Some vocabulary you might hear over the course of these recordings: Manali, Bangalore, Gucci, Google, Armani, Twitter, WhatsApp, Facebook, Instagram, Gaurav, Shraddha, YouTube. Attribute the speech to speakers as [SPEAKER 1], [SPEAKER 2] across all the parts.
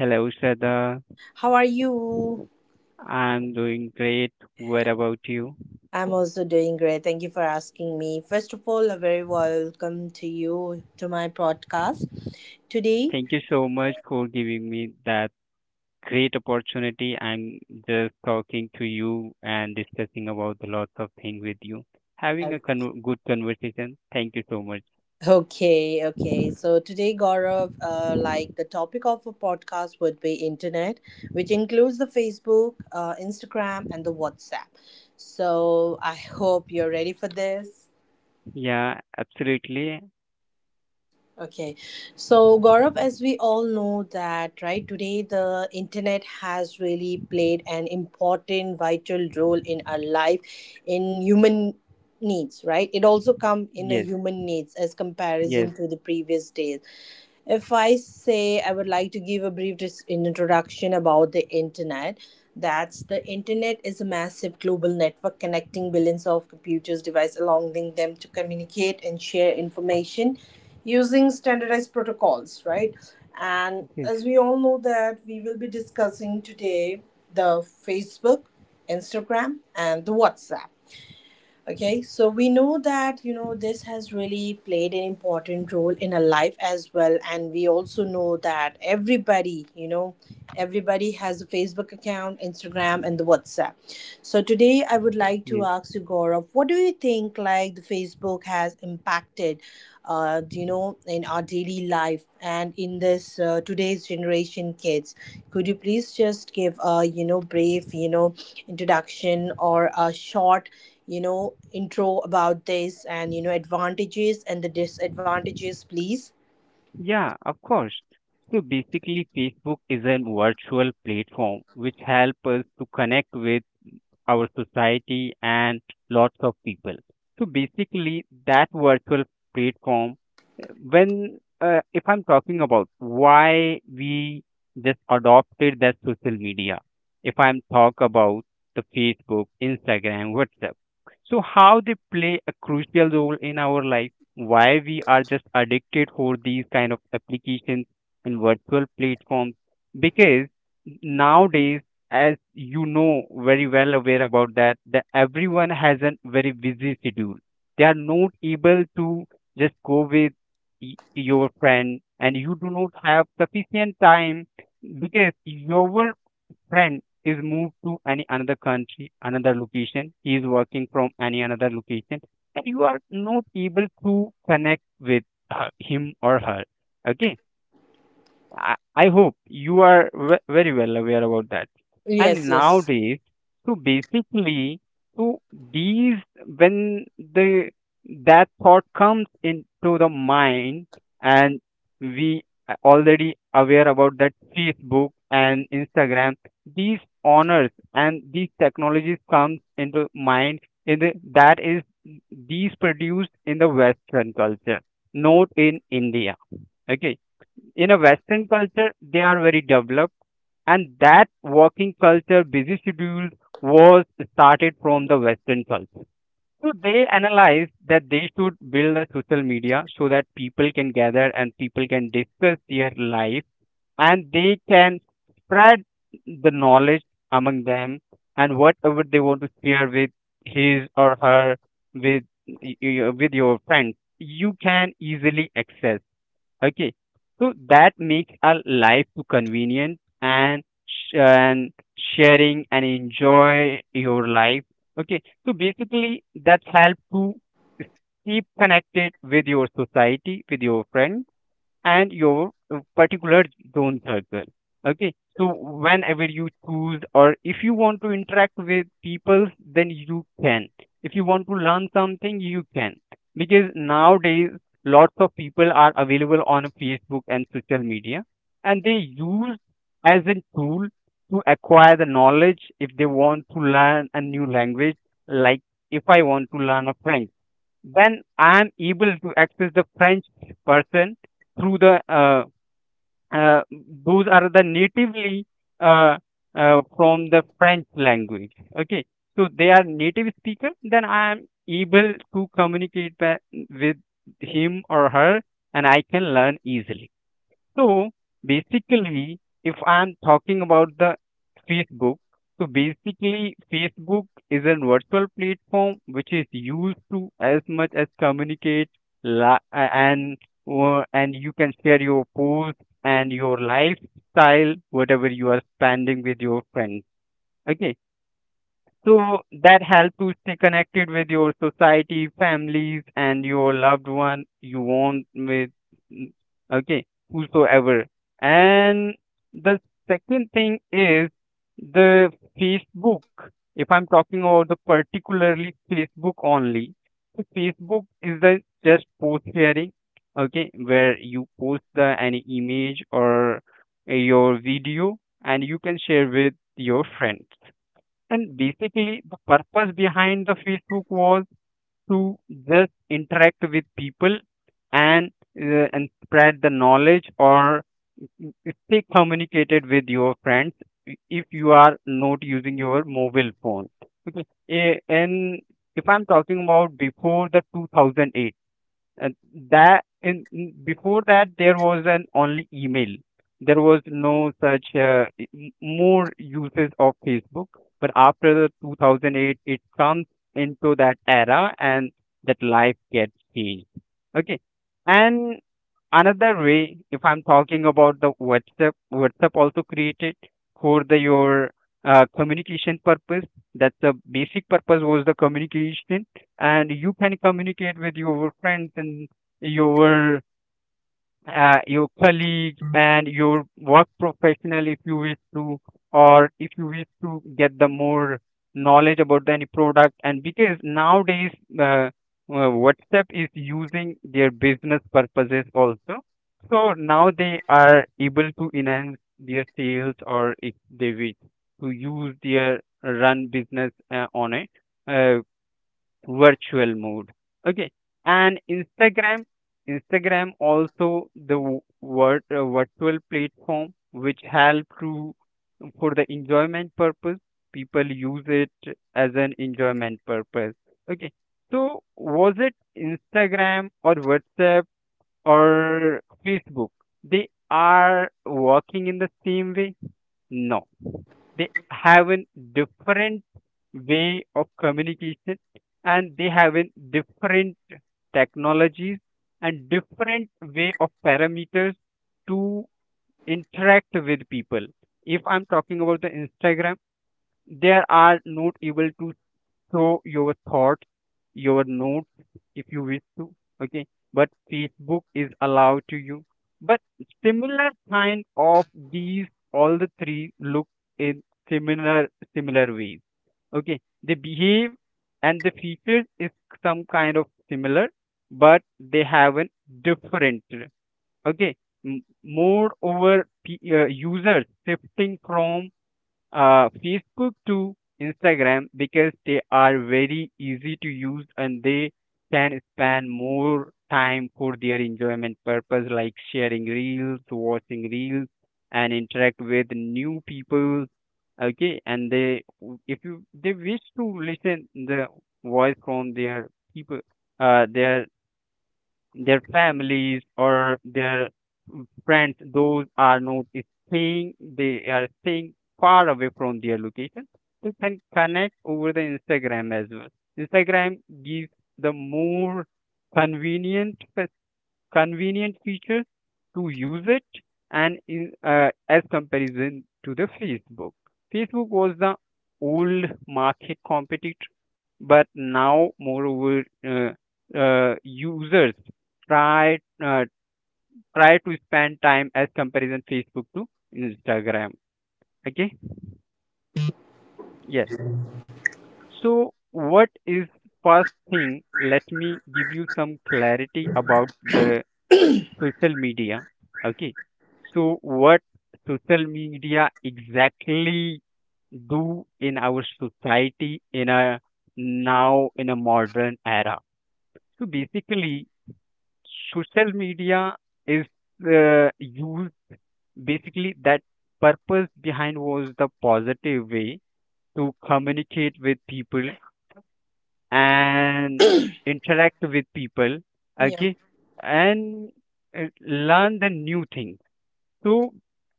[SPEAKER 1] Hello, Shraddha.
[SPEAKER 2] how are you?
[SPEAKER 1] I'm doing great. What about you?
[SPEAKER 2] I'm also doing great. Thank you for asking me. First of all, a very welcome to you to my podcast today.
[SPEAKER 1] Thank you so much for giving me that great opportunity. I'm just talking to you and discussing about the lots of things with you. Having a good conversation. Thank you so much.
[SPEAKER 2] Okay, okay. So today, Gaurav, like the topic of a podcast would be internet, which includes the Facebook, Instagram, and the WhatsApp. So I hope you're ready for this.
[SPEAKER 1] Yeah, absolutely.
[SPEAKER 2] Okay, so Gaurav, as we all know that right today, the internet has really played an important, vital role in our life, in human needs right it also come in a
[SPEAKER 1] Yes,
[SPEAKER 2] human needs as
[SPEAKER 1] yes,
[SPEAKER 2] comparison to the previous days. If I say, I would like to give a brief introduction about the internet. That's the internet is a massive global network connecting billions of computers devices, allowing them to communicate and share information using standardized protocols, right? And
[SPEAKER 1] yes,
[SPEAKER 2] as we all know that we will be discussing today the Facebook, Instagram, and the WhatsApp. Okay, so we know that this has really played an important role in our life as well, and we also know that everybody has a Facebook account, Instagram, and the WhatsApp. So today, I would like to
[SPEAKER 1] yes.
[SPEAKER 2] ask you, Gaurav, what do you think like the Facebook has impacted, you know, in our daily life and in this today's generation kids? Could you please just give a brief introduction or a short, you know, intro about this and, you know, advantages and the disadvantages, please?
[SPEAKER 1] Yeah, of course. So basically, Facebook is a virtual platform which helps us to connect with our society, and lots of people. So basically, that virtual platform, when if I'm talking about why we just adopted that social media, if I'm talk about the Facebook, Instagram, WhatsApp, so how they play a crucial role in our life, why we are just addicted for these kind of applications and virtual platforms, because nowadays as you know very well aware about that, that everyone has a very busy schedule. They are not able to just go with your friend, and you do not have sufficient time because your friend is moved to any another country, another location. He is working from any another location, and you are not able to connect with her, him or her. Okay. I hope you are very well aware about that.
[SPEAKER 2] Yes,
[SPEAKER 1] And
[SPEAKER 2] yes.
[SPEAKER 1] nowadays, so basically, so these when the that thought comes into the mind, and we are already aware about that Facebook and Instagram, these honors and these technologies comes into mind in the that is these produced in the Western culture, not in India. Okay, in a western culture they are very developed, and that working culture busy schedule was started from the western culture. So they analyzed that they should build a social media so that people can gather and people can discuss their life, and they can spread the knowledge among them, and whatever they want to share with his or her with with your friends you can easily access. Okay, so that makes our life too convenient and sharing and enjoy your life. Okay, so basically that helps to keep connected with your society, with your friends and your particular zone circle. Okay, so whenever you choose, or if you want to interact with people, then you can. If you want to learn something, you can. Because nowadays, lots of people are available on Facebook and social media, and they use as a tool to acquire the knowledge if they want to learn a new language, like if I want to learn a French when I am able to access the French person through the uh, those are the natively uh, from the French language. Okay, so they are native speaker. Then I am able to communicate with him or her, and I can learn easily. So basically, if I'm talking about the Facebook, so basically Facebook is a virtual platform which is used to as much as communicate li- and and you can share your posts and your lifestyle, whatever you are spending with your friends. Okay, so that help to stay connected with your society, families, and your loved one you want with, mm, okay, whosoever. And the second thing is the Facebook. If I'm talking about the particularly Facebook only, so Facebook is the just post sharing, okay, where you post the any image or your video and you can share with your friends. And basically, the purpose behind the Facebook was to just interact with people and and spread the knowledge or stay communicated with your friends if you are not using your mobile phone. Okay, and if I'm talking about before the 2008, and that before that there was an only email. There was no such more uses of facebook, but after the 2008 it comes into that era and that life gets changed. Okay. And another way, if I'm talking about the whatsapp, whatsapp also created for the your communication purpose. That's the basic purpose was the communication, and you can communicate with your friends and your your colleagues and your work professional if you wish to, or if you wish to get the more knowledge about any product. And because nowadays uh, uh, whatsapp is using their business purposes also. So now they are able to enhance their sales, or if they wish to use their run business on a uh, virtual mode. Okay. And instagram, instagram also the virtual platform which help to for the enjoyment purpose. People use it as an enjoyment purpose. Okay, so was it instagram or whatsapp or facebook, they are working in the same way? No, they have a different way of communication, and they have a different technologies and different way of parameters to interact with people. If I'm talking about the instagram, they are not able to show your thoughts, your notes if you wish to. Okay, but Facebook is allowed to you. But similar kind of these all the three look in similar similar ways. Okay, they behave and the features is some kind of similar, but they have a different. Okay, moreover, users shifting from Facebook to Instagram because they are very easy to use and they can spend more time for their enjoyment purpose like sharing reels, watching reels and interact with new people. Okay, and they if you they wish to listen the voice from their people uh their their families or their friends, those are not staying, they are staying far away from their location. You can connect over the Instagram as well. Instagram gives the more convenient convenient feature to use it, and in as comparison to the facebook, facebook was the old market competitor, but now moreover users try uh, try to spend time as comparison facebook to instagram. Okay. Yes, so what is first thing, let me give you some clarity about the social media. Okay. So what social media exactly do in our society in a now in a modern era? So basically, social media is used, basically that purpose behind was the positive way to communicate with people and interact with people.
[SPEAKER 2] Yeah.
[SPEAKER 1] Okay, and learn the new things. So,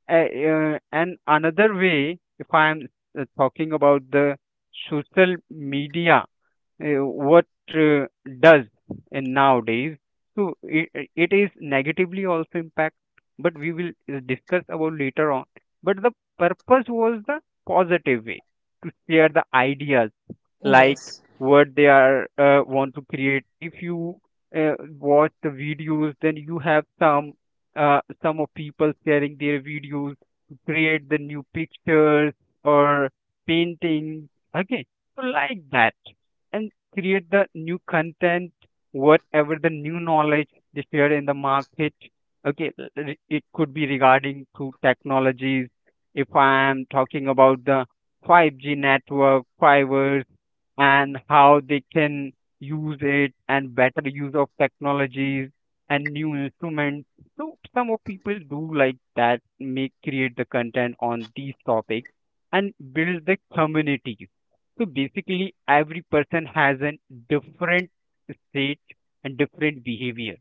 [SPEAKER 1] uh, and another way, if I'm talking about the social media, what uh, does in nowadays, so it is negatively also impact, but we will discuss about later on. But the purpose was the positive way to share the ideas, like
[SPEAKER 2] Yes.
[SPEAKER 1] what they are want to create. If you uh, watch the videos, then you have some of people sharing their videos to create the new pictures or painting. Okay, so like that, and create the new content, whatever the new knowledge they share in the market. Okay, it could be regarding to technologies. If I am talking about the 5G network fiber and how they can use it, and better use of technologies and new instruments. So some of people do like that, make create the content on these topics and build the community. So basically, every person has a different state and different behavior.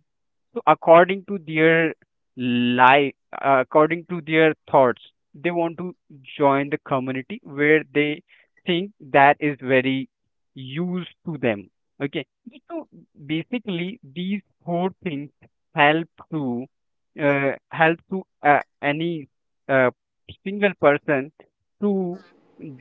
[SPEAKER 1] So according to their life, according to their thoughts, they want to join the community where they think that is very used to them. Okay, so basically these four things help to help to any uh, single person to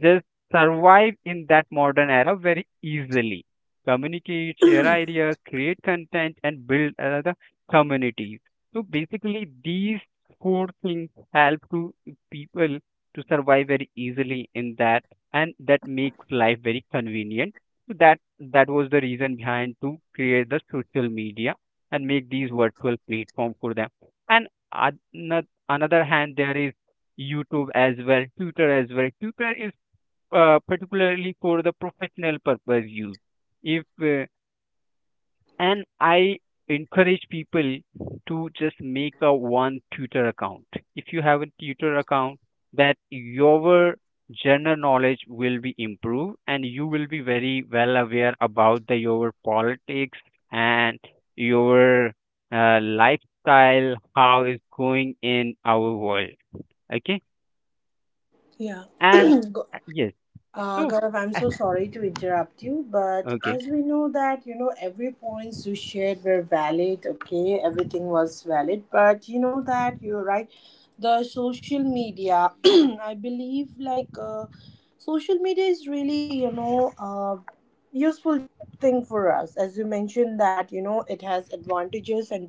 [SPEAKER 1] just survive in that modern era very easily. Communicate, share ideas, create content, and build another community. So basically, these four things help to people to survive very easily in that, and that makes life very convenient. So that that was the reason behind to create the social media and make these virtual platform for them. And ano- another hand, there is YouTube as well. Twitter is particularly for the professional purpose use. If and I encourage people to just make a one tutor account. If you have a tutor account, that your general knowledge will be improved and you will be very well aware about the your politics and your lifestyle how is going in our world. Okay.
[SPEAKER 2] Yeah.
[SPEAKER 1] And
[SPEAKER 2] Go-
[SPEAKER 1] yes so
[SPEAKER 2] Gaurav, I'm
[SPEAKER 1] uh,
[SPEAKER 2] so sorry to interrupt you, but
[SPEAKER 1] okay
[SPEAKER 2] as we know that, you know, every points you shared were valid, okay, everything was valid, but you know that you're right. The social media, I believe, like, social media is really, you know, useful thing for us. As you mentioned that, you know, it has advantages and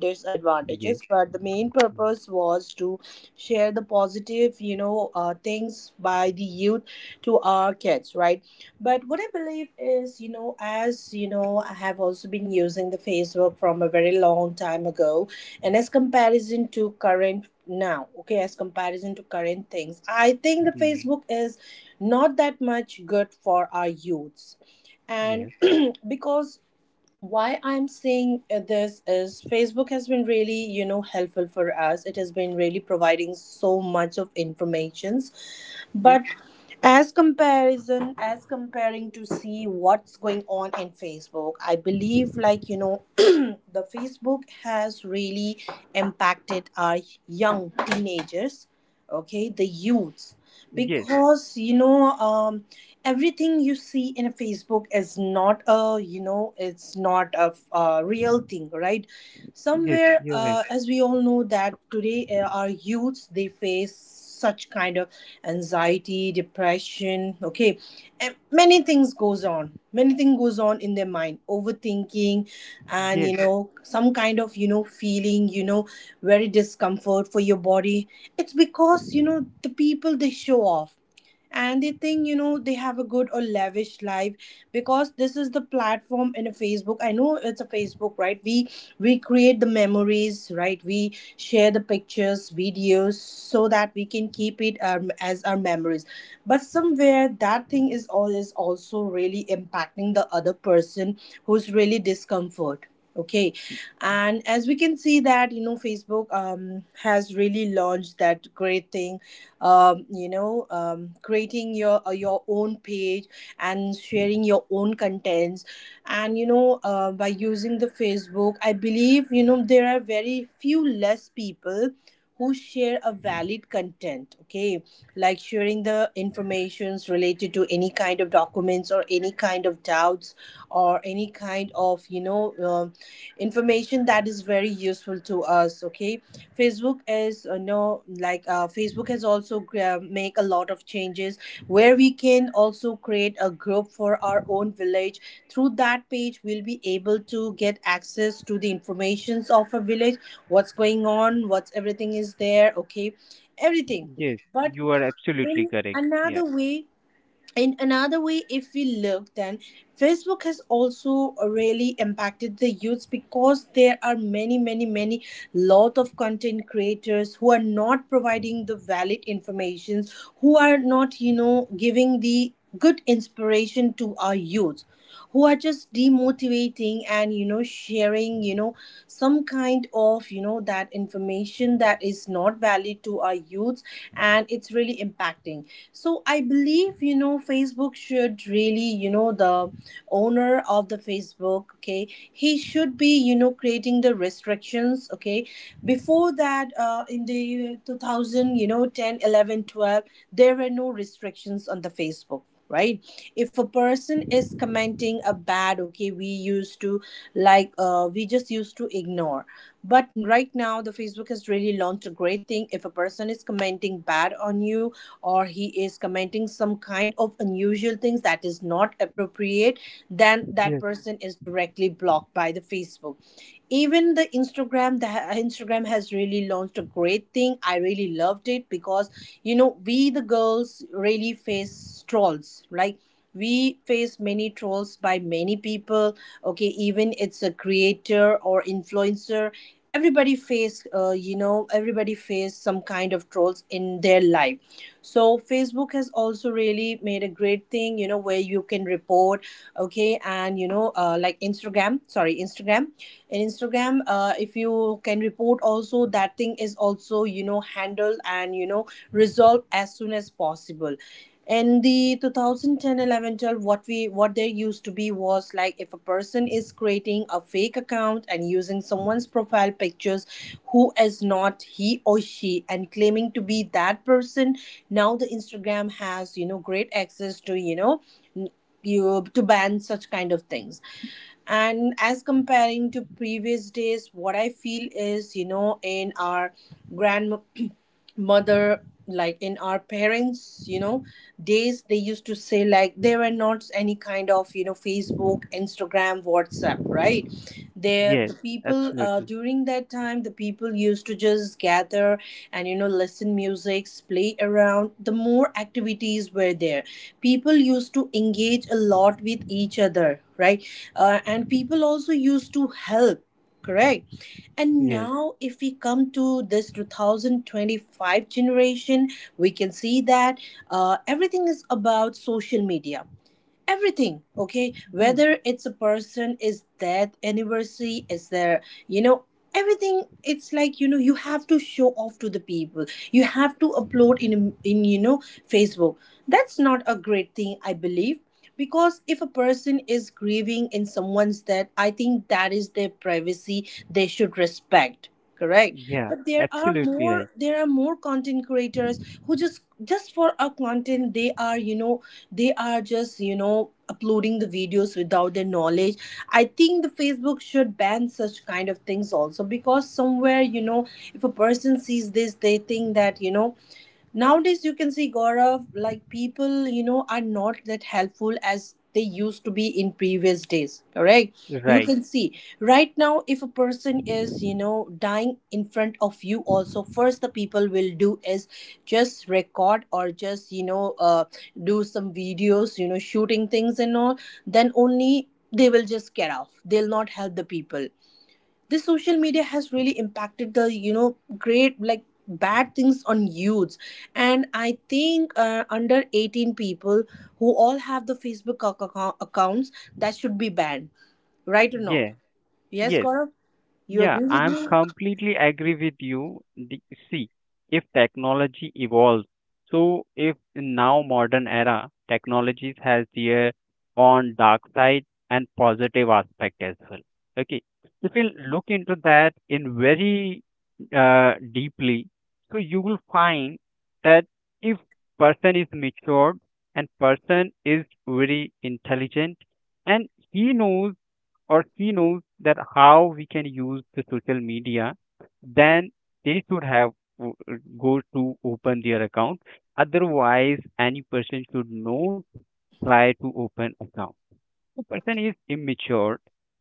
[SPEAKER 1] yes
[SPEAKER 2] disadvantages, but the main
[SPEAKER 1] mm,
[SPEAKER 2] purpose was to share the positive, you know, things by the youth to our kids, right? But what I believe is, you know, as you know, I have also been using the Facebook from a very long time ago, and as comparison to current now, okay, as comparison to current things, I think the
[SPEAKER 1] mm,
[SPEAKER 2] Facebook is not that much good for our youths, and
[SPEAKER 1] Yes,
[SPEAKER 2] because why I'm saying this is Facebook has been really, you know, helpful for us. It has been really providing so much of informations,
[SPEAKER 1] yes,
[SPEAKER 2] but as comparison, as comparing to see what's going on in Facebook, I believe, like, you know, the Facebook has really impacted our young teenagers, okay, the youths,
[SPEAKER 1] yes,
[SPEAKER 2] because, you know, everything you see in Facebook is not a, you know, it's not a, a real thing, right?
[SPEAKER 1] yes,
[SPEAKER 2] Somewhere,
[SPEAKER 1] you're right.
[SPEAKER 2] as we all know that today, our youths, they face such kind of anxiety, depression, okay, and many things goes on in their mind, overthinking, and you
[SPEAKER 1] Yes.
[SPEAKER 2] know, some kind of, you know, feeling, you know, very discomfort for your body. It's because, you know, the people, they show off and they think, you know, they have a good or lavish life, because this is the platform in a Facebook. I know it's a Facebook, right? We create the memories, right? We share the pictures, videos, so that we can keep it, as our memories, but somewhere that thing is all is also really impacting the other person who's really discomfort, okay? And as we can see that, you know, Facebook, has really launched that great thing, you know, creating your own page and sharing your own contents. And you know, by using the Facebook, I believe, you know, there are very few less people who share a valid content, okay, like sharing the informations related to any kind of documents or any kind of doubts or any kind of, you know, information that is very useful to us, okay. Facebook is, you know, like, Facebook has also make a lot of changes where we can also create a group for our own village. Through that page, we'll be able to get access to the informations of a village, what's going on, what's everything is there, okay, everything.
[SPEAKER 1] Yes,
[SPEAKER 2] But
[SPEAKER 1] you are absolutely
[SPEAKER 2] in
[SPEAKER 1] correct. Yeah.
[SPEAKER 2] another way, in another way, if we look, then Facebook has also really impacted the youths, because there are many lot of content creators who are not providing the valid informations, who are not, you know, giving the good inspiration to our youth, who are just demotivating and, you know, sharing, you know, some kind of, you know, that information that is not valid to our youths, and it's really impacting. So I believe, you know, Facebook should really, you know, the owner of the Facebook, okay, he should be, you know, creating the restrictions, okay. Before that, in the 2000, you know, 10, 11, 12, there were no restrictions on the Facebook, right? If a person is commenting a bad, okay, we used to, like, we just used to ignore. But right now, the Facebook has really launched a great thing. If a person is commenting bad on you, or he is commenting some kind of unusual things that is not appropriate, then that
[SPEAKER 1] Yes,
[SPEAKER 2] person is directly blocked by the Facebook. Even the Instagram, the Instagram has really launched a great thing. I really loved it, because, you know, we, the girls, really face trolls, like we face many trolls by many people, okay. Even it's a creator or influencer, everybody face, you know, everybody face some kind of trolls in their life. So Facebook has also really made a great thing, you know, where you can report, okay. And you know, like Instagram, sorry, Instagram, in Instagram, if you can report, also that thing is also, you know, handled and, you know, resolved as soon as possible. In the 2010 11 12, what we what there used to be was, like, if a person is creating a fake account and using someone's profile pictures, who is not he or she and claiming to be that person, now the Instagram has, you know, great access to, you know, n- you to ban such kind of things. And as comparing to previous days, what I feel is, you know, in our grand mother, like in our parents, you know, days, they used to say, like, there were not any kind of, you know, Facebook, Instagram, WhatsApp, right? There
[SPEAKER 1] yes,
[SPEAKER 2] the people
[SPEAKER 1] absolutely.
[SPEAKER 2] during that time, the people used to just gather and, you know, listen music, play around, the more activities were there. People used to engage a lot with each other, right? And people also used to help, correct? And
[SPEAKER 1] Yes,
[SPEAKER 2] now, if we come to this 2025 generation, we can see that everything is about social media, everything, okay,
[SPEAKER 1] yes,
[SPEAKER 2] whether it's a person is dead, anniversary is there, you know, everything. It's like, you know, you have to show off to the people, you have to upload in you know, Facebook. That's not a great thing, I believe, because if a person is grieving in someone's death, I think that is their privacy, they should respect, correct?
[SPEAKER 1] yeah,
[SPEAKER 2] But there are
[SPEAKER 1] absolutely right.
[SPEAKER 2] more content creators who just for a content they are, you know, they are just, you know, uploading the videos without their knowledge. I think the Facebook should ban such kind of things also, because somewhere, you know, if a person sees this, they think that, you know, nowadays, you can see, Gaurav, like people, you know, are not that helpful as they used to be in previous days. Correct? You
[SPEAKER 1] Right.
[SPEAKER 2] can see right now, if a person is, you know, dying in front of you, also, first the people will do is just record or just, you know, do some videos, you know, shooting things and all. Then only they will just get off. They'll not help the people. This social media has really impacted the, you know, great like bad things on youths. And I think, under 18 people who all have the Facebook accounts, that should be banned, right or no?
[SPEAKER 1] Yeah,
[SPEAKER 2] Yes,
[SPEAKER 1] yes.
[SPEAKER 2] Gaurav, you
[SPEAKER 1] Yeah,
[SPEAKER 2] agree with
[SPEAKER 1] I'm
[SPEAKER 2] me?
[SPEAKER 1] completely agree with you. See, if technology evolves, so if in now modern era technologies has their own dark side and positive aspect as well. Okay, if you look into that in very deeply, so you will find that if person is matured and person is very intelligent and he knows or she knows that how we can use the social media, then they should have w- go to open their account. Otherwise, any person should not try to open account the person is immature,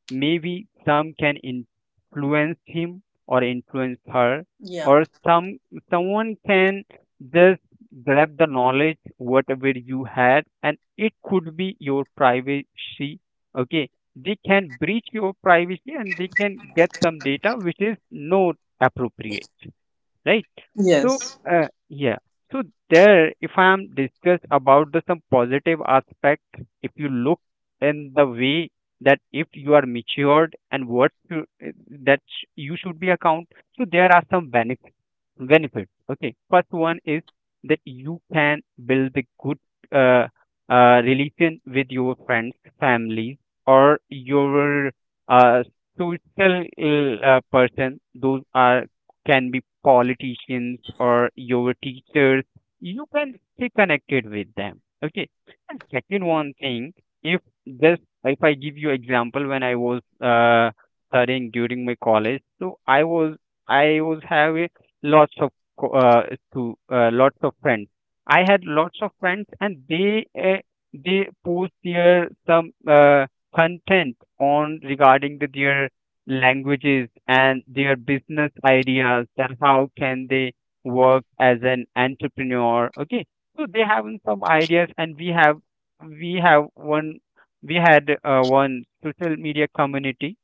[SPEAKER 1] maybe some can influence him or influence her,
[SPEAKER 2] Yeah.
[SPEAKER 1] or someone can just grab the knowledge whatever you had, and it could be your privacy. Okay, they can breach your privacy and they can get some data which is not appropriate, right? So,
[SPEAKER 2] Yes,
[SPEAKER 1] yeah. So there, if I am discuss about the some positive aspect, if you look in the way that if you are matured and what you, you should be account, so there are some benefits. Benefits. Okay. First one is that you can build a good uh, relation with your friends, family, or your uh, social person. Those are can be politicians or your teachers. You can stay connected with them. Okay. And second one thing, if this, if I give you example, when I was studying during my college, so I was having lots of co- to lots of friends. I had lots of friends, and they post their some content on regarding the their languages and their business ideas that how can they work as an entrepreneur, okay? So they have some ideas, and we have one we had one social media community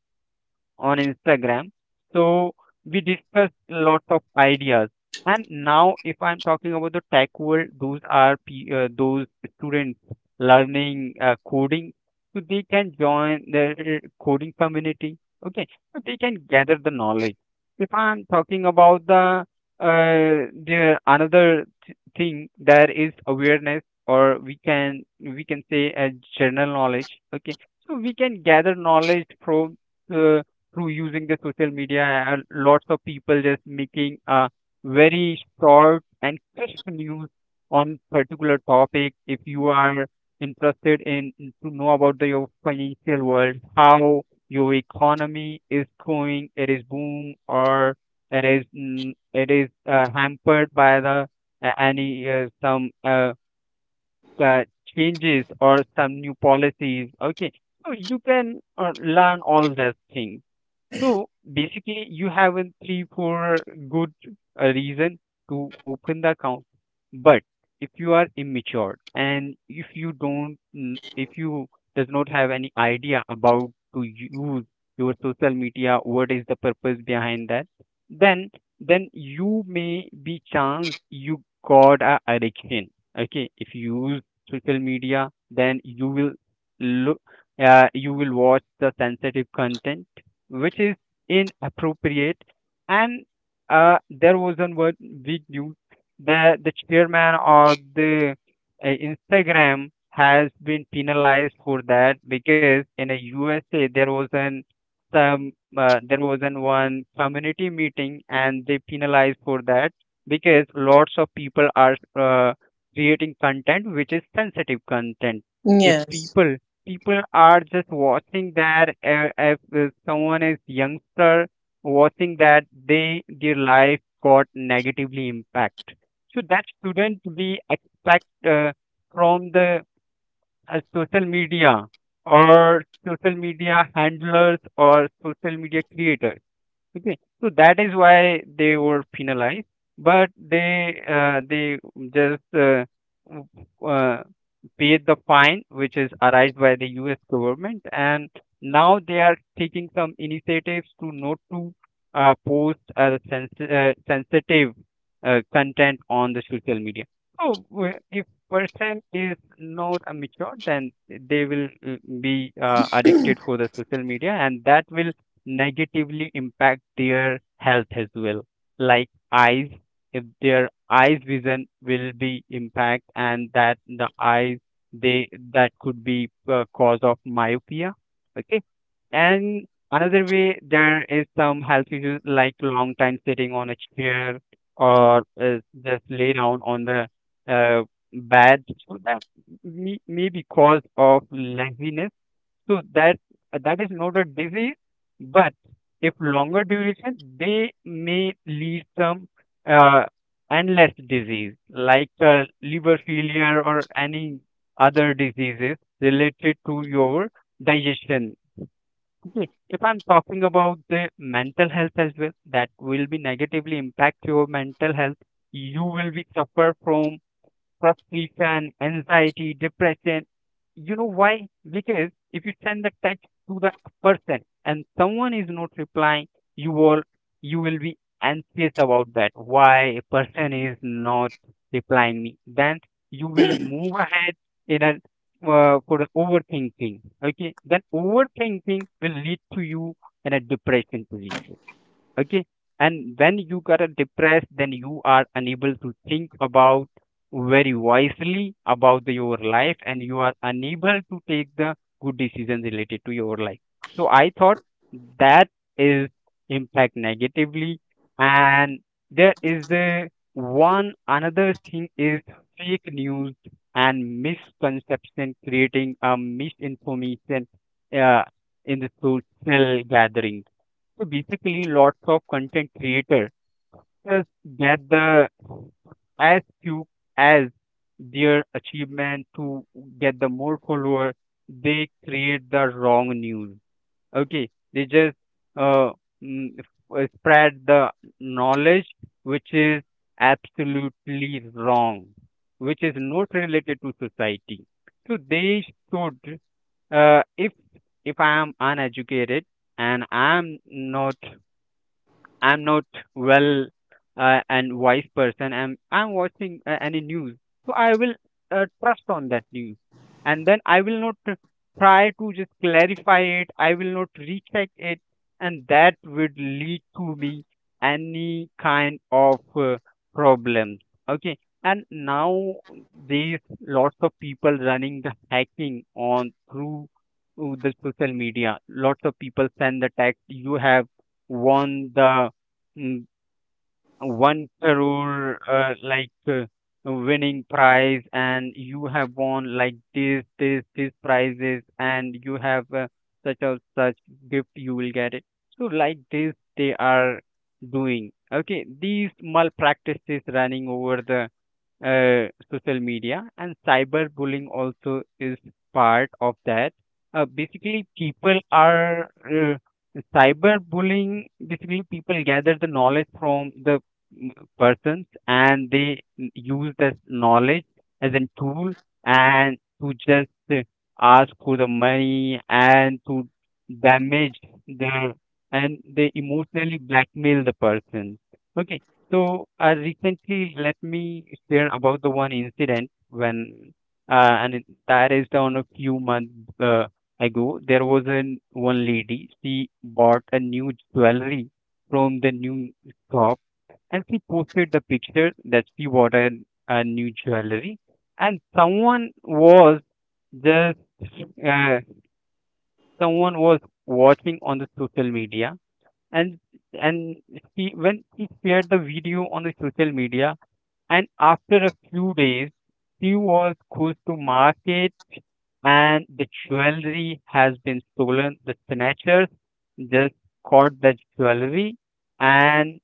[SPEAKER 1] on Instagram. So we discussed lots of ideas. And now, if I'm talking about the tech world, those are those students learning coding, so they can join the coding community. Okay, so they can gather the knowledge. If I'm talking about the another thing, there is awareness, or we can say a general knowledge. Okay, so we can gather knowledge from uh, through using the social media, and lots of people just making a very short and crisp news on particular topic. If you are interested in to know about the your financial world, how your economy is going, it is boom or it is it is hampered by the any some uh, changes or some new policies, okay? So you can learn all those things. So basically, you have a three, four good reason to open the account. But if you are immature and if you don't, if you does not have any idea about to use your social media, what is the purpose behind that, then you may be chance you got a addiction. Okay, if you use social media, then you will look, you will watch the sensitive content which is inappropriate. And there was one word big news that the chairman of the Instagram has been penalized for that, because in the USA um, there was an one community meeting and they penalized for that because lots of people are creating content which is sensitive content. If
[SPEAKER 2] yes,
[SPEAKER 1] people are just watching that, if someone is youngster watching that, they their life got negatively impact. So that shouldn't be expect from the as social media or social media handlers or social media creators? Okay, so that is why they were penalized, but they just w- uh, paid the fine, which is arised by the U.S. government, and now they are taking some initiatives to not to post sensitive content on the social media. So if person is not a mature, then they will be addicted for the social media, and that will negatively impact their health as well, like eyes. If their eyes vision will be impact and that the eyes they that could be cause of myopia, okay? And another way, there is some health issues like long time sitting on a chair or just lay down on the uh, bed, so that may be cause of laziness. So that that is not a disease, but if longer duration, they may lead some uh, endless disease like liver failure or any other diseases related to your digestion. Okay. If I'm talking about the mental health as well, that will be negatively impact your mental health. You will be suffer from frustration, anxiety, depression. You know why? Because if you send the text to the person and someone is not replying, you will you will be anxious about that. Why a person is not replying me? Then you will move ahead in a for the overthinking. Okay, then overthinking will lead to you in a depression position, okay? And when you are depressed, then you are unable to think about very wisely about the- your life, and you are unable to take the good decisions related to your life. So I thought that is impact negatively. And there is the one another thing is fake news and misconception creating a misinformation uh, in the social gathering. So basically, lots of content creators just get the as few as their achievement to get the more follower. They create the wrong news. Okay, they just uh, mm, spread the knowledge which is absolutely wrong, which is not related to society. So they should, uh, if if I am uneducated and I'm not well and wise person. I'm watching any news, so I will trust on that news, and then I will not try to just clarify it. I will not recheck it, and that would lead to me any kind of problems. Okay, and now there's lots of people running the hacking on through the social media. Lots of people send the text. You have won the mm, one crore like winning prize, and you have won like this these prizes, and you have such a such gift you will get it. So like this they are doing, okay? These malpractices running over the social media, and cyberbullying also is part of that. Basically, people are cyberbullying. Basically, people gather the knowledge from the mm, persons, and they use that knowledge as a tool and to just ask for the money and to damage their, and they emotionally blackmail the person. Okay, so I recently let me share about the one incident when, that is down a few months uh, ago. There was an one lady. She bought a new jewelry from the new shop, and she posted the picture that she bought a new jewelry, and someone was just uh, someone was watching on the social media, and and she when she shared the video on the social media, and after a few days, she was goes to market, and the jewelry has been stolen. The snatchers just caught the jewelry, and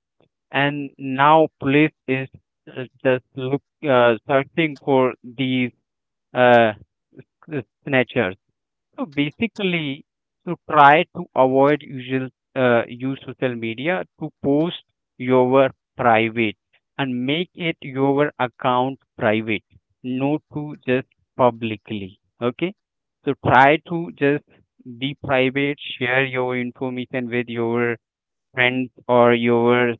[SPEAKER 1] now police is just look searching for these uh, snatchers. So basically, to try to avoid usual use social media to post your private, and make it your account private, not to just publicly. Okay, so try to just be private, share your information with your friends or your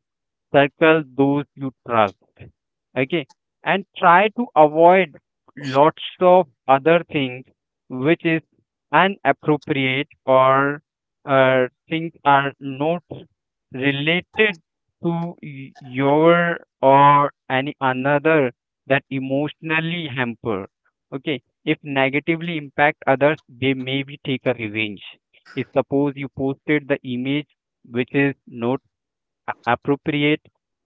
[SPEAKER 1] circle those you trust. Okay. And try to avoid lots of other things which is inappropriate or things are not related to your or any another that emotionally hamper. Okay. If negatively impact others, they maybe take a revenge. If suppose you posted the image which is not appropriate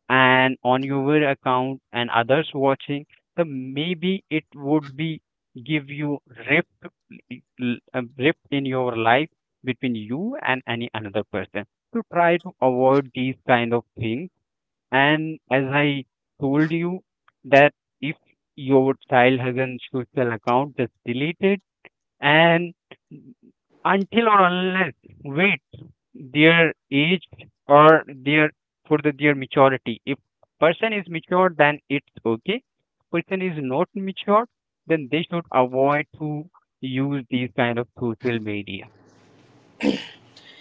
[SPEAKER 1] and on your account and others watching, then maybe it would be give you rift a rift in your life between you and any another person. To try to avoid these kind of things. And as I told you that if your child has an social account, just delete it, and until or unless wait their age or their for the their maturity. If person is mature, then it's okay. Person is not mature, then they should avoid to use these kind of social media,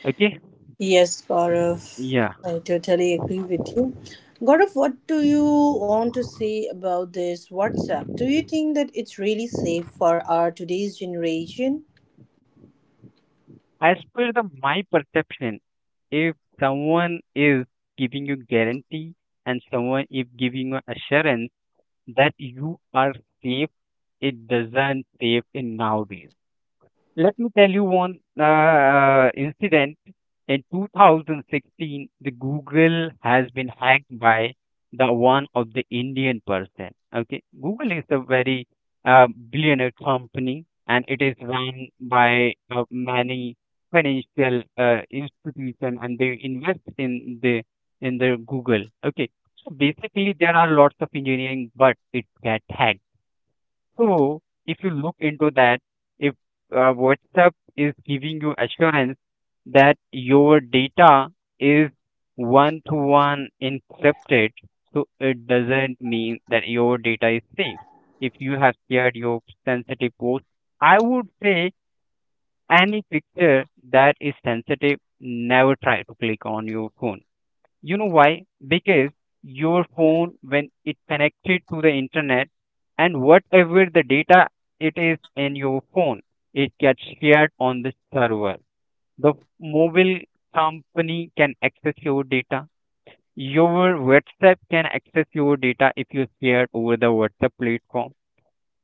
[SPEAKER 1] okay?
[SPEAKER 2] yes, Gaurav,
[SPEAKER 1] Yeah,
[SPEAKER 2] I totally agree with you. Gaurav, what do you want to say about this WhatsApp? Do you think that it's really safe for our today's generation?
[SPEAKER 1] as per the my perception, if someone is giving you guarantee and someone if giving you assurance that you are safe. It doesn't save in nowadays. Let me tell you one incident. In 2016, the Google has been hacked by the one of the Indian person. Okay, Google is a very billionaire company, and it is run by many financial institution, and they invest in the Google. Okay, so basically there are lots of engineering, but it got hacked. So if you look into that, if WhatsApp is giving you assurance that your data is one to one encrypted, so it doesn't mean that your data is safe. If you have shared your sensitive post, I would say any picture that is sensitive, never try to click on your phone. You know why? Because your phone, when it connected to the internet, and whatever the data it is in your phone, it gets shared on the server. The mobile company can access your data. Your WhatsApp can access your data if you share it over the WhatsApp platform.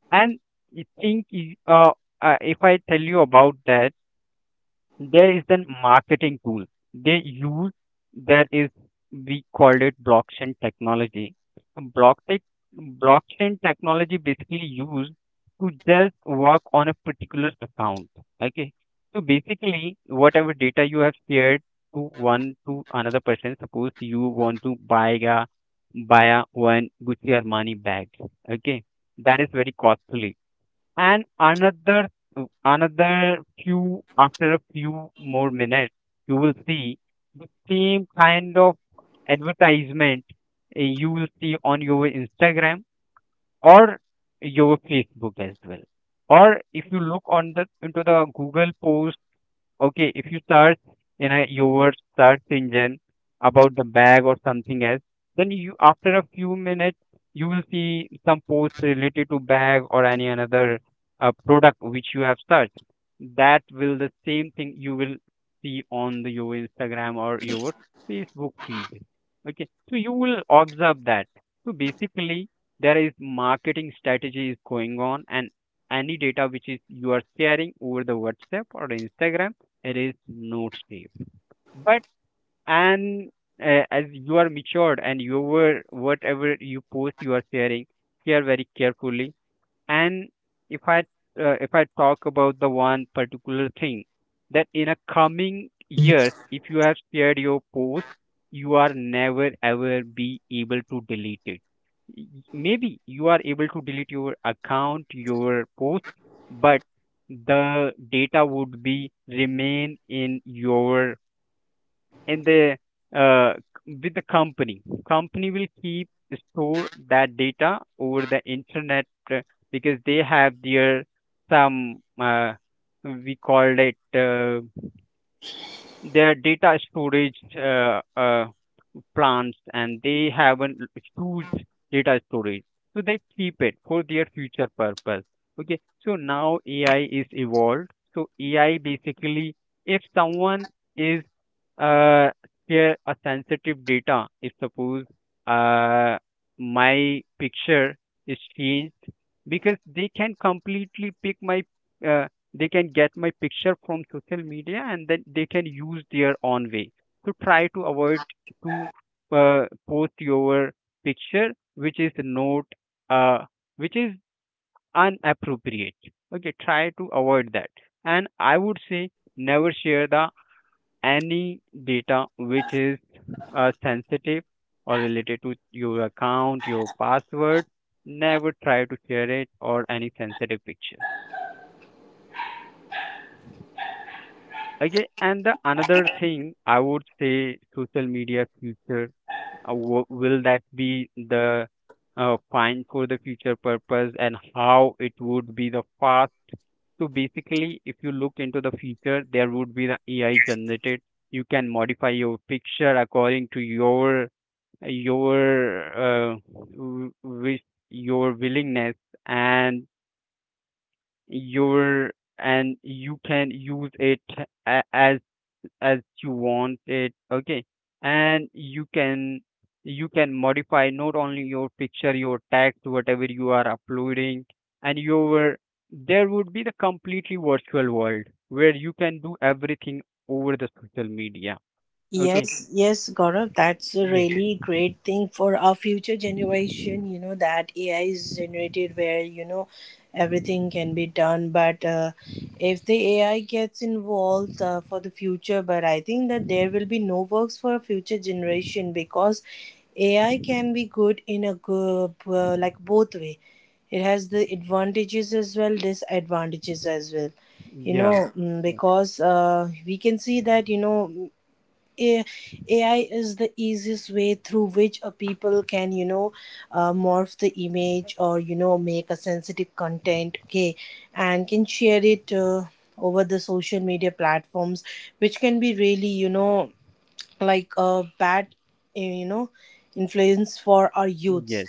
[SPEAKER 1] And I think uh, if I tell you about that, there is then marketing tool they use, that is we called it blockchain technology, block tech, blockchain technology basically used to just work on a particular account, okay. So basically whatever data you have shared to one to another person, suppose you want to buy a one Gucci Armani bag, okay, that is very costly. And another another few after a few more minutes, you will see the same kind of advertisement, you will see on your Instagram or your Facebook as well. Or if you look on the into the Google post. Okay, if you search in a your search engine about the bag or something else, then you after a few minutes you will see some posts related to bag or any another product which you have searched. That will the same thing you will see on the, your Instagram or your Facebook feed. Okay, so you will observe that. So basically, there is marketing strategy is going on, and any data which is you are sharing over the WhatsApp or Instagram, it is not safe. But and as you are matured and you were whatever you post you are sharing, share very carefully. And if I if I talk about the one particular thing, that in a coming years, if you have shared your post, you are never ever be able to delete it. Y- Maybe you are able to delete your account, your post, but the data would be remain in your in the uh, with the Company will keep store that data over the internet, uh, because they have their some we called it their data storage plants, and they have a huge data storage. So they keep it for their future purpose. Okay. So now AI is evolved. So AI basically, if someone is uh share a sensitive data, if suppose uh my picture is changed, because they can completely pick my uh, they can get my picture from social media and then they can use their own way. So try to avoid to post your picture which is not uh, which is inappropriate, okay, try to avoid that. And I would say never share the any data which is sensitive or related to your account, your password, never try to share it or any sensitive picture, okay. And the another thing I would say, social media future. Will that be the fine for the future purpose, and how it would be the fast? So basically, if you look into the future, there would be the AI generated. You can modify your picture according to your wish, your willingness, and your and you can use it a- as as you want it, okay. And you can modify not only your picture, your text, whatever you are uploading. And your there would be the completely virtual world where you can do everything over the social media. Okay.
[SPEAKER 2] Yes, yes, Gaurav, that's a
[SPEAKER 1] Yes.
[SPEAKER 2] really great thing for our future generation. You know, that AI is generated where, you know, everything can be done. But if the AI gets involved for the future, but I think that there will be no works for a future generation, because AI can be good in a good, like both way. It has the advantages as well, disadvantages as well, you know.
[SPEAKER 1] Yeah,
[SPEAKER 2] Yeah.
[SPEAKER 1] yeah.
[SPEAKER 2] Because we can see that, you know, a- AI is the easiest way through which a people can, you know, morph the image or, you know, make a sensitive content, okay, and can share it over the social media platforms, which can be really, you know, like a bad, you know, influence for our youths.
[SPEAKER 1] Yes,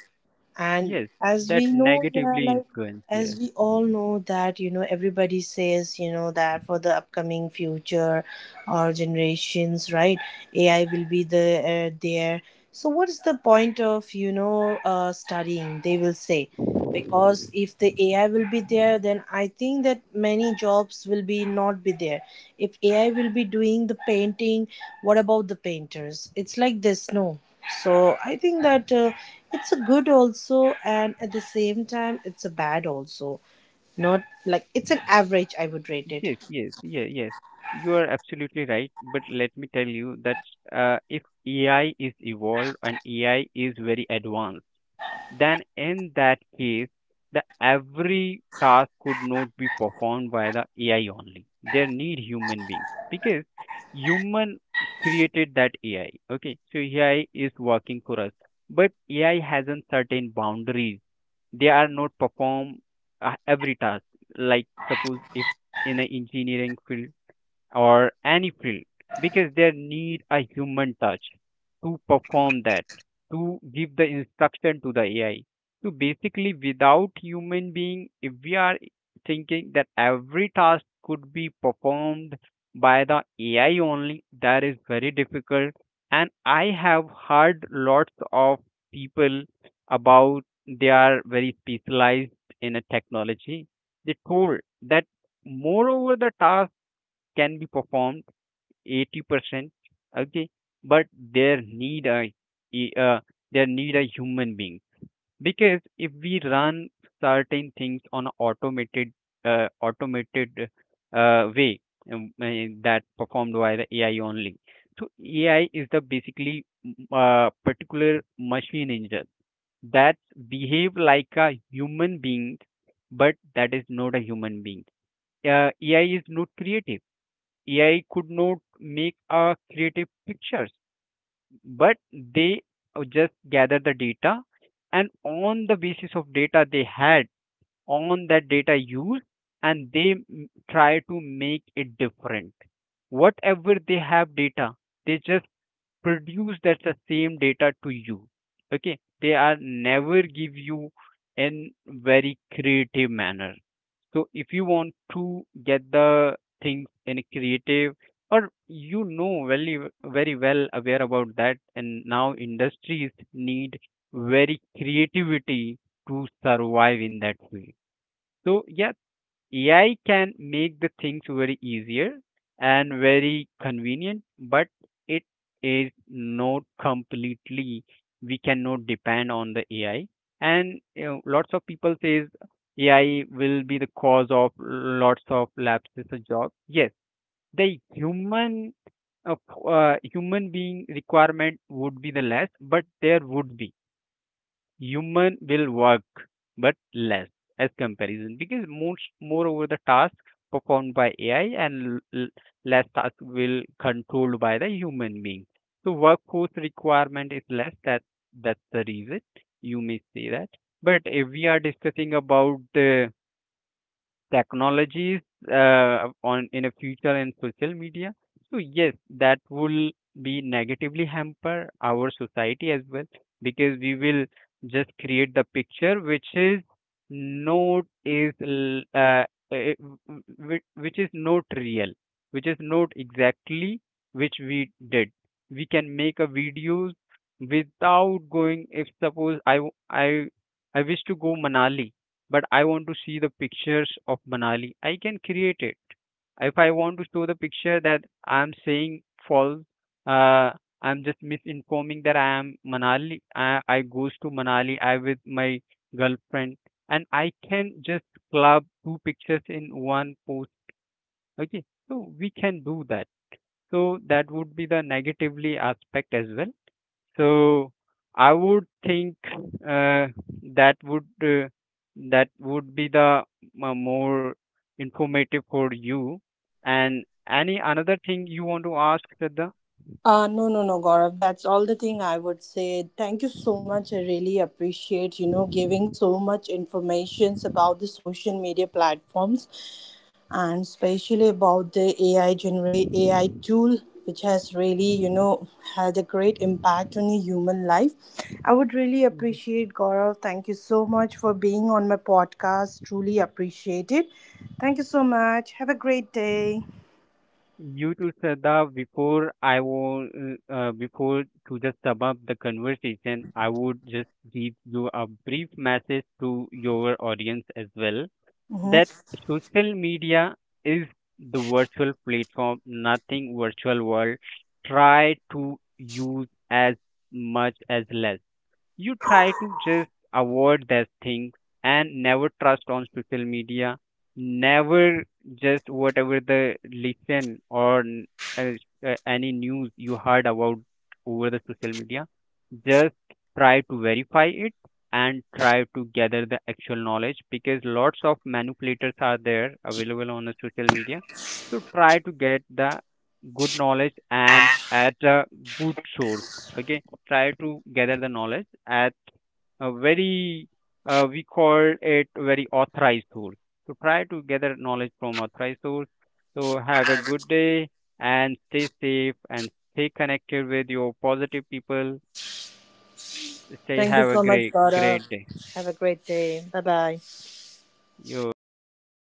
[SPEAKER 2] And
[SPEAKER 1] yes,
[SPEAKER 2] as
[SPEAKER 1] that
[SPEAKER 2] we know, yeah,
[SPEAKER 1] negatively
[SPEAKER 2] like,
[SPEAKER 1] influence,
[SPEAKER 2] as
[SPEAKER 1] yes.
[SPEAKER 2] we all know that, you know, everybody says, you know, that for the upcoming future, our generations, right, AI will be the there. So what is the point of, you know, studying, they will say, because if the AI will be there, then I think that many jobs will be not be there. If AI will be doing the painting, what about the painters? It's like this, no? So I think that, it's a good also and at the same time it's a bad also, not like. It's an average, I would rate it.
[SPEAKER 1] Yes, yes, yeah, yes. You are absolutely right. But let me tell you that if AI is evolved and AI is very advanced, then in that case, the every task could not be performed by the AI only. There need human beings, because human created that AI. Okay, so AI is working for us, but AI has a certain boundaries, they are not perform every task. Like suppose if in an engineering field or any field, because they need a human touch to perform that, to give the instruction to the AI. So basically, without human being, if we are thinking that every task could be performed by the AI only, that is very difficult. And I have heard lots of people about, they are very specialized in a technology. They told that moreover the task can be performed 80%, okay, but there need a e- uh, human being, because if we run certain things on automated automated way, that performed by the AI only. So AI is the basically particular machine engine that behave like a human being, but that is not a human being. AI is not creative. AI could not make a creative pictures, but they just gather the data, and on the basis of data they had, on that data use, and they try to make it different. Whatever they have data, they just produce that the same data to you. Okay. They are never give you in very creative manner. So if you want to get the things in a creative, or you know very very well aware about that, and now industries need very creativity to survive in that way. So yeah, AI can make the things very easier and very convenient, but it is not completely. We cannot depend on the AI, and lots of people says AI will be the cause of lots of lapses of jobs. Yes, the uh, human being requirement would be the less, but there would be human will work but less as comparison, because most moreover the task performed by AI, and less task will controlled by the human being. So workforce requirement is less, that's the reason you may say that. But if we are discussing about the technologies, on in a future and social media, so yes, that will be negatively hamper our society as well, because we will just create the picture which is not is l- eh, w- w- which is not real, which is not exactly which we did. We can make a videos without going. If suppose I w- I wish to go Manali, but I want to see the pictures of Manali, I can create it. If I want to show the picture that I'm saying false, uh, I'm just misinforming that I am Manali. I goes to Manali, I with my girlfriend, and I can just club two pictures in one post. Okay, so we can do that. So that would be the negatively aspect as well. So I would think uh, that would be the more informative for you. And any another thing you want to ask Shraddha?
[SPEAKER 2] No, no, no, Gaurav. That's all the thing I would say. Thank you so much. I really appreciate, you know, giving so much informations about the social media platforms, and especially about the AI generate AI tool, which has really, you know, had a great impact on a human life. I would really
[SPEAKER 1] Mhm.
[SPEAKER 2] appreciate, Gaurav. Thank you so much for being on my podcast. Truly appreciate it. Thank you so much. Have a great day.
[SPEAKER 1] You to Shraddha. Before I will uh, uh, before to just sum up the conversation, I would just give you a brief message to your audience as well,
[SPEAKER 2] Hmm.
[SPEAKER 1] that social media is the virtual platform, nothing virtual world. Try to use as much as less, you try to just avoid that thing, and never trust on social media, never. Just whatever the listen or uh, any news you heard about over the social media, just try to verify it and try to gather the actual knowledge, because lots of manipulators are there available on the social media. So try to get the good knowledge and at a good source, okay. Try to gather the knowledge at a very we call it very authorized source. So try to gather knowledge from authorized source. So have a good day, and stay safe, and stay connected with your positive people. Stay
[SPEAKER 2] Thank you
[SPEAKER 1] Have a
[SPEAKER 2] so much,
[SPEAKER 1] great
[SPEAKER 2] Gaurav.
[SPEAKER 1] great day.
[SPEAKER 2] Have a great day. Bye bye.
[SPEAKER 1] You're welcome.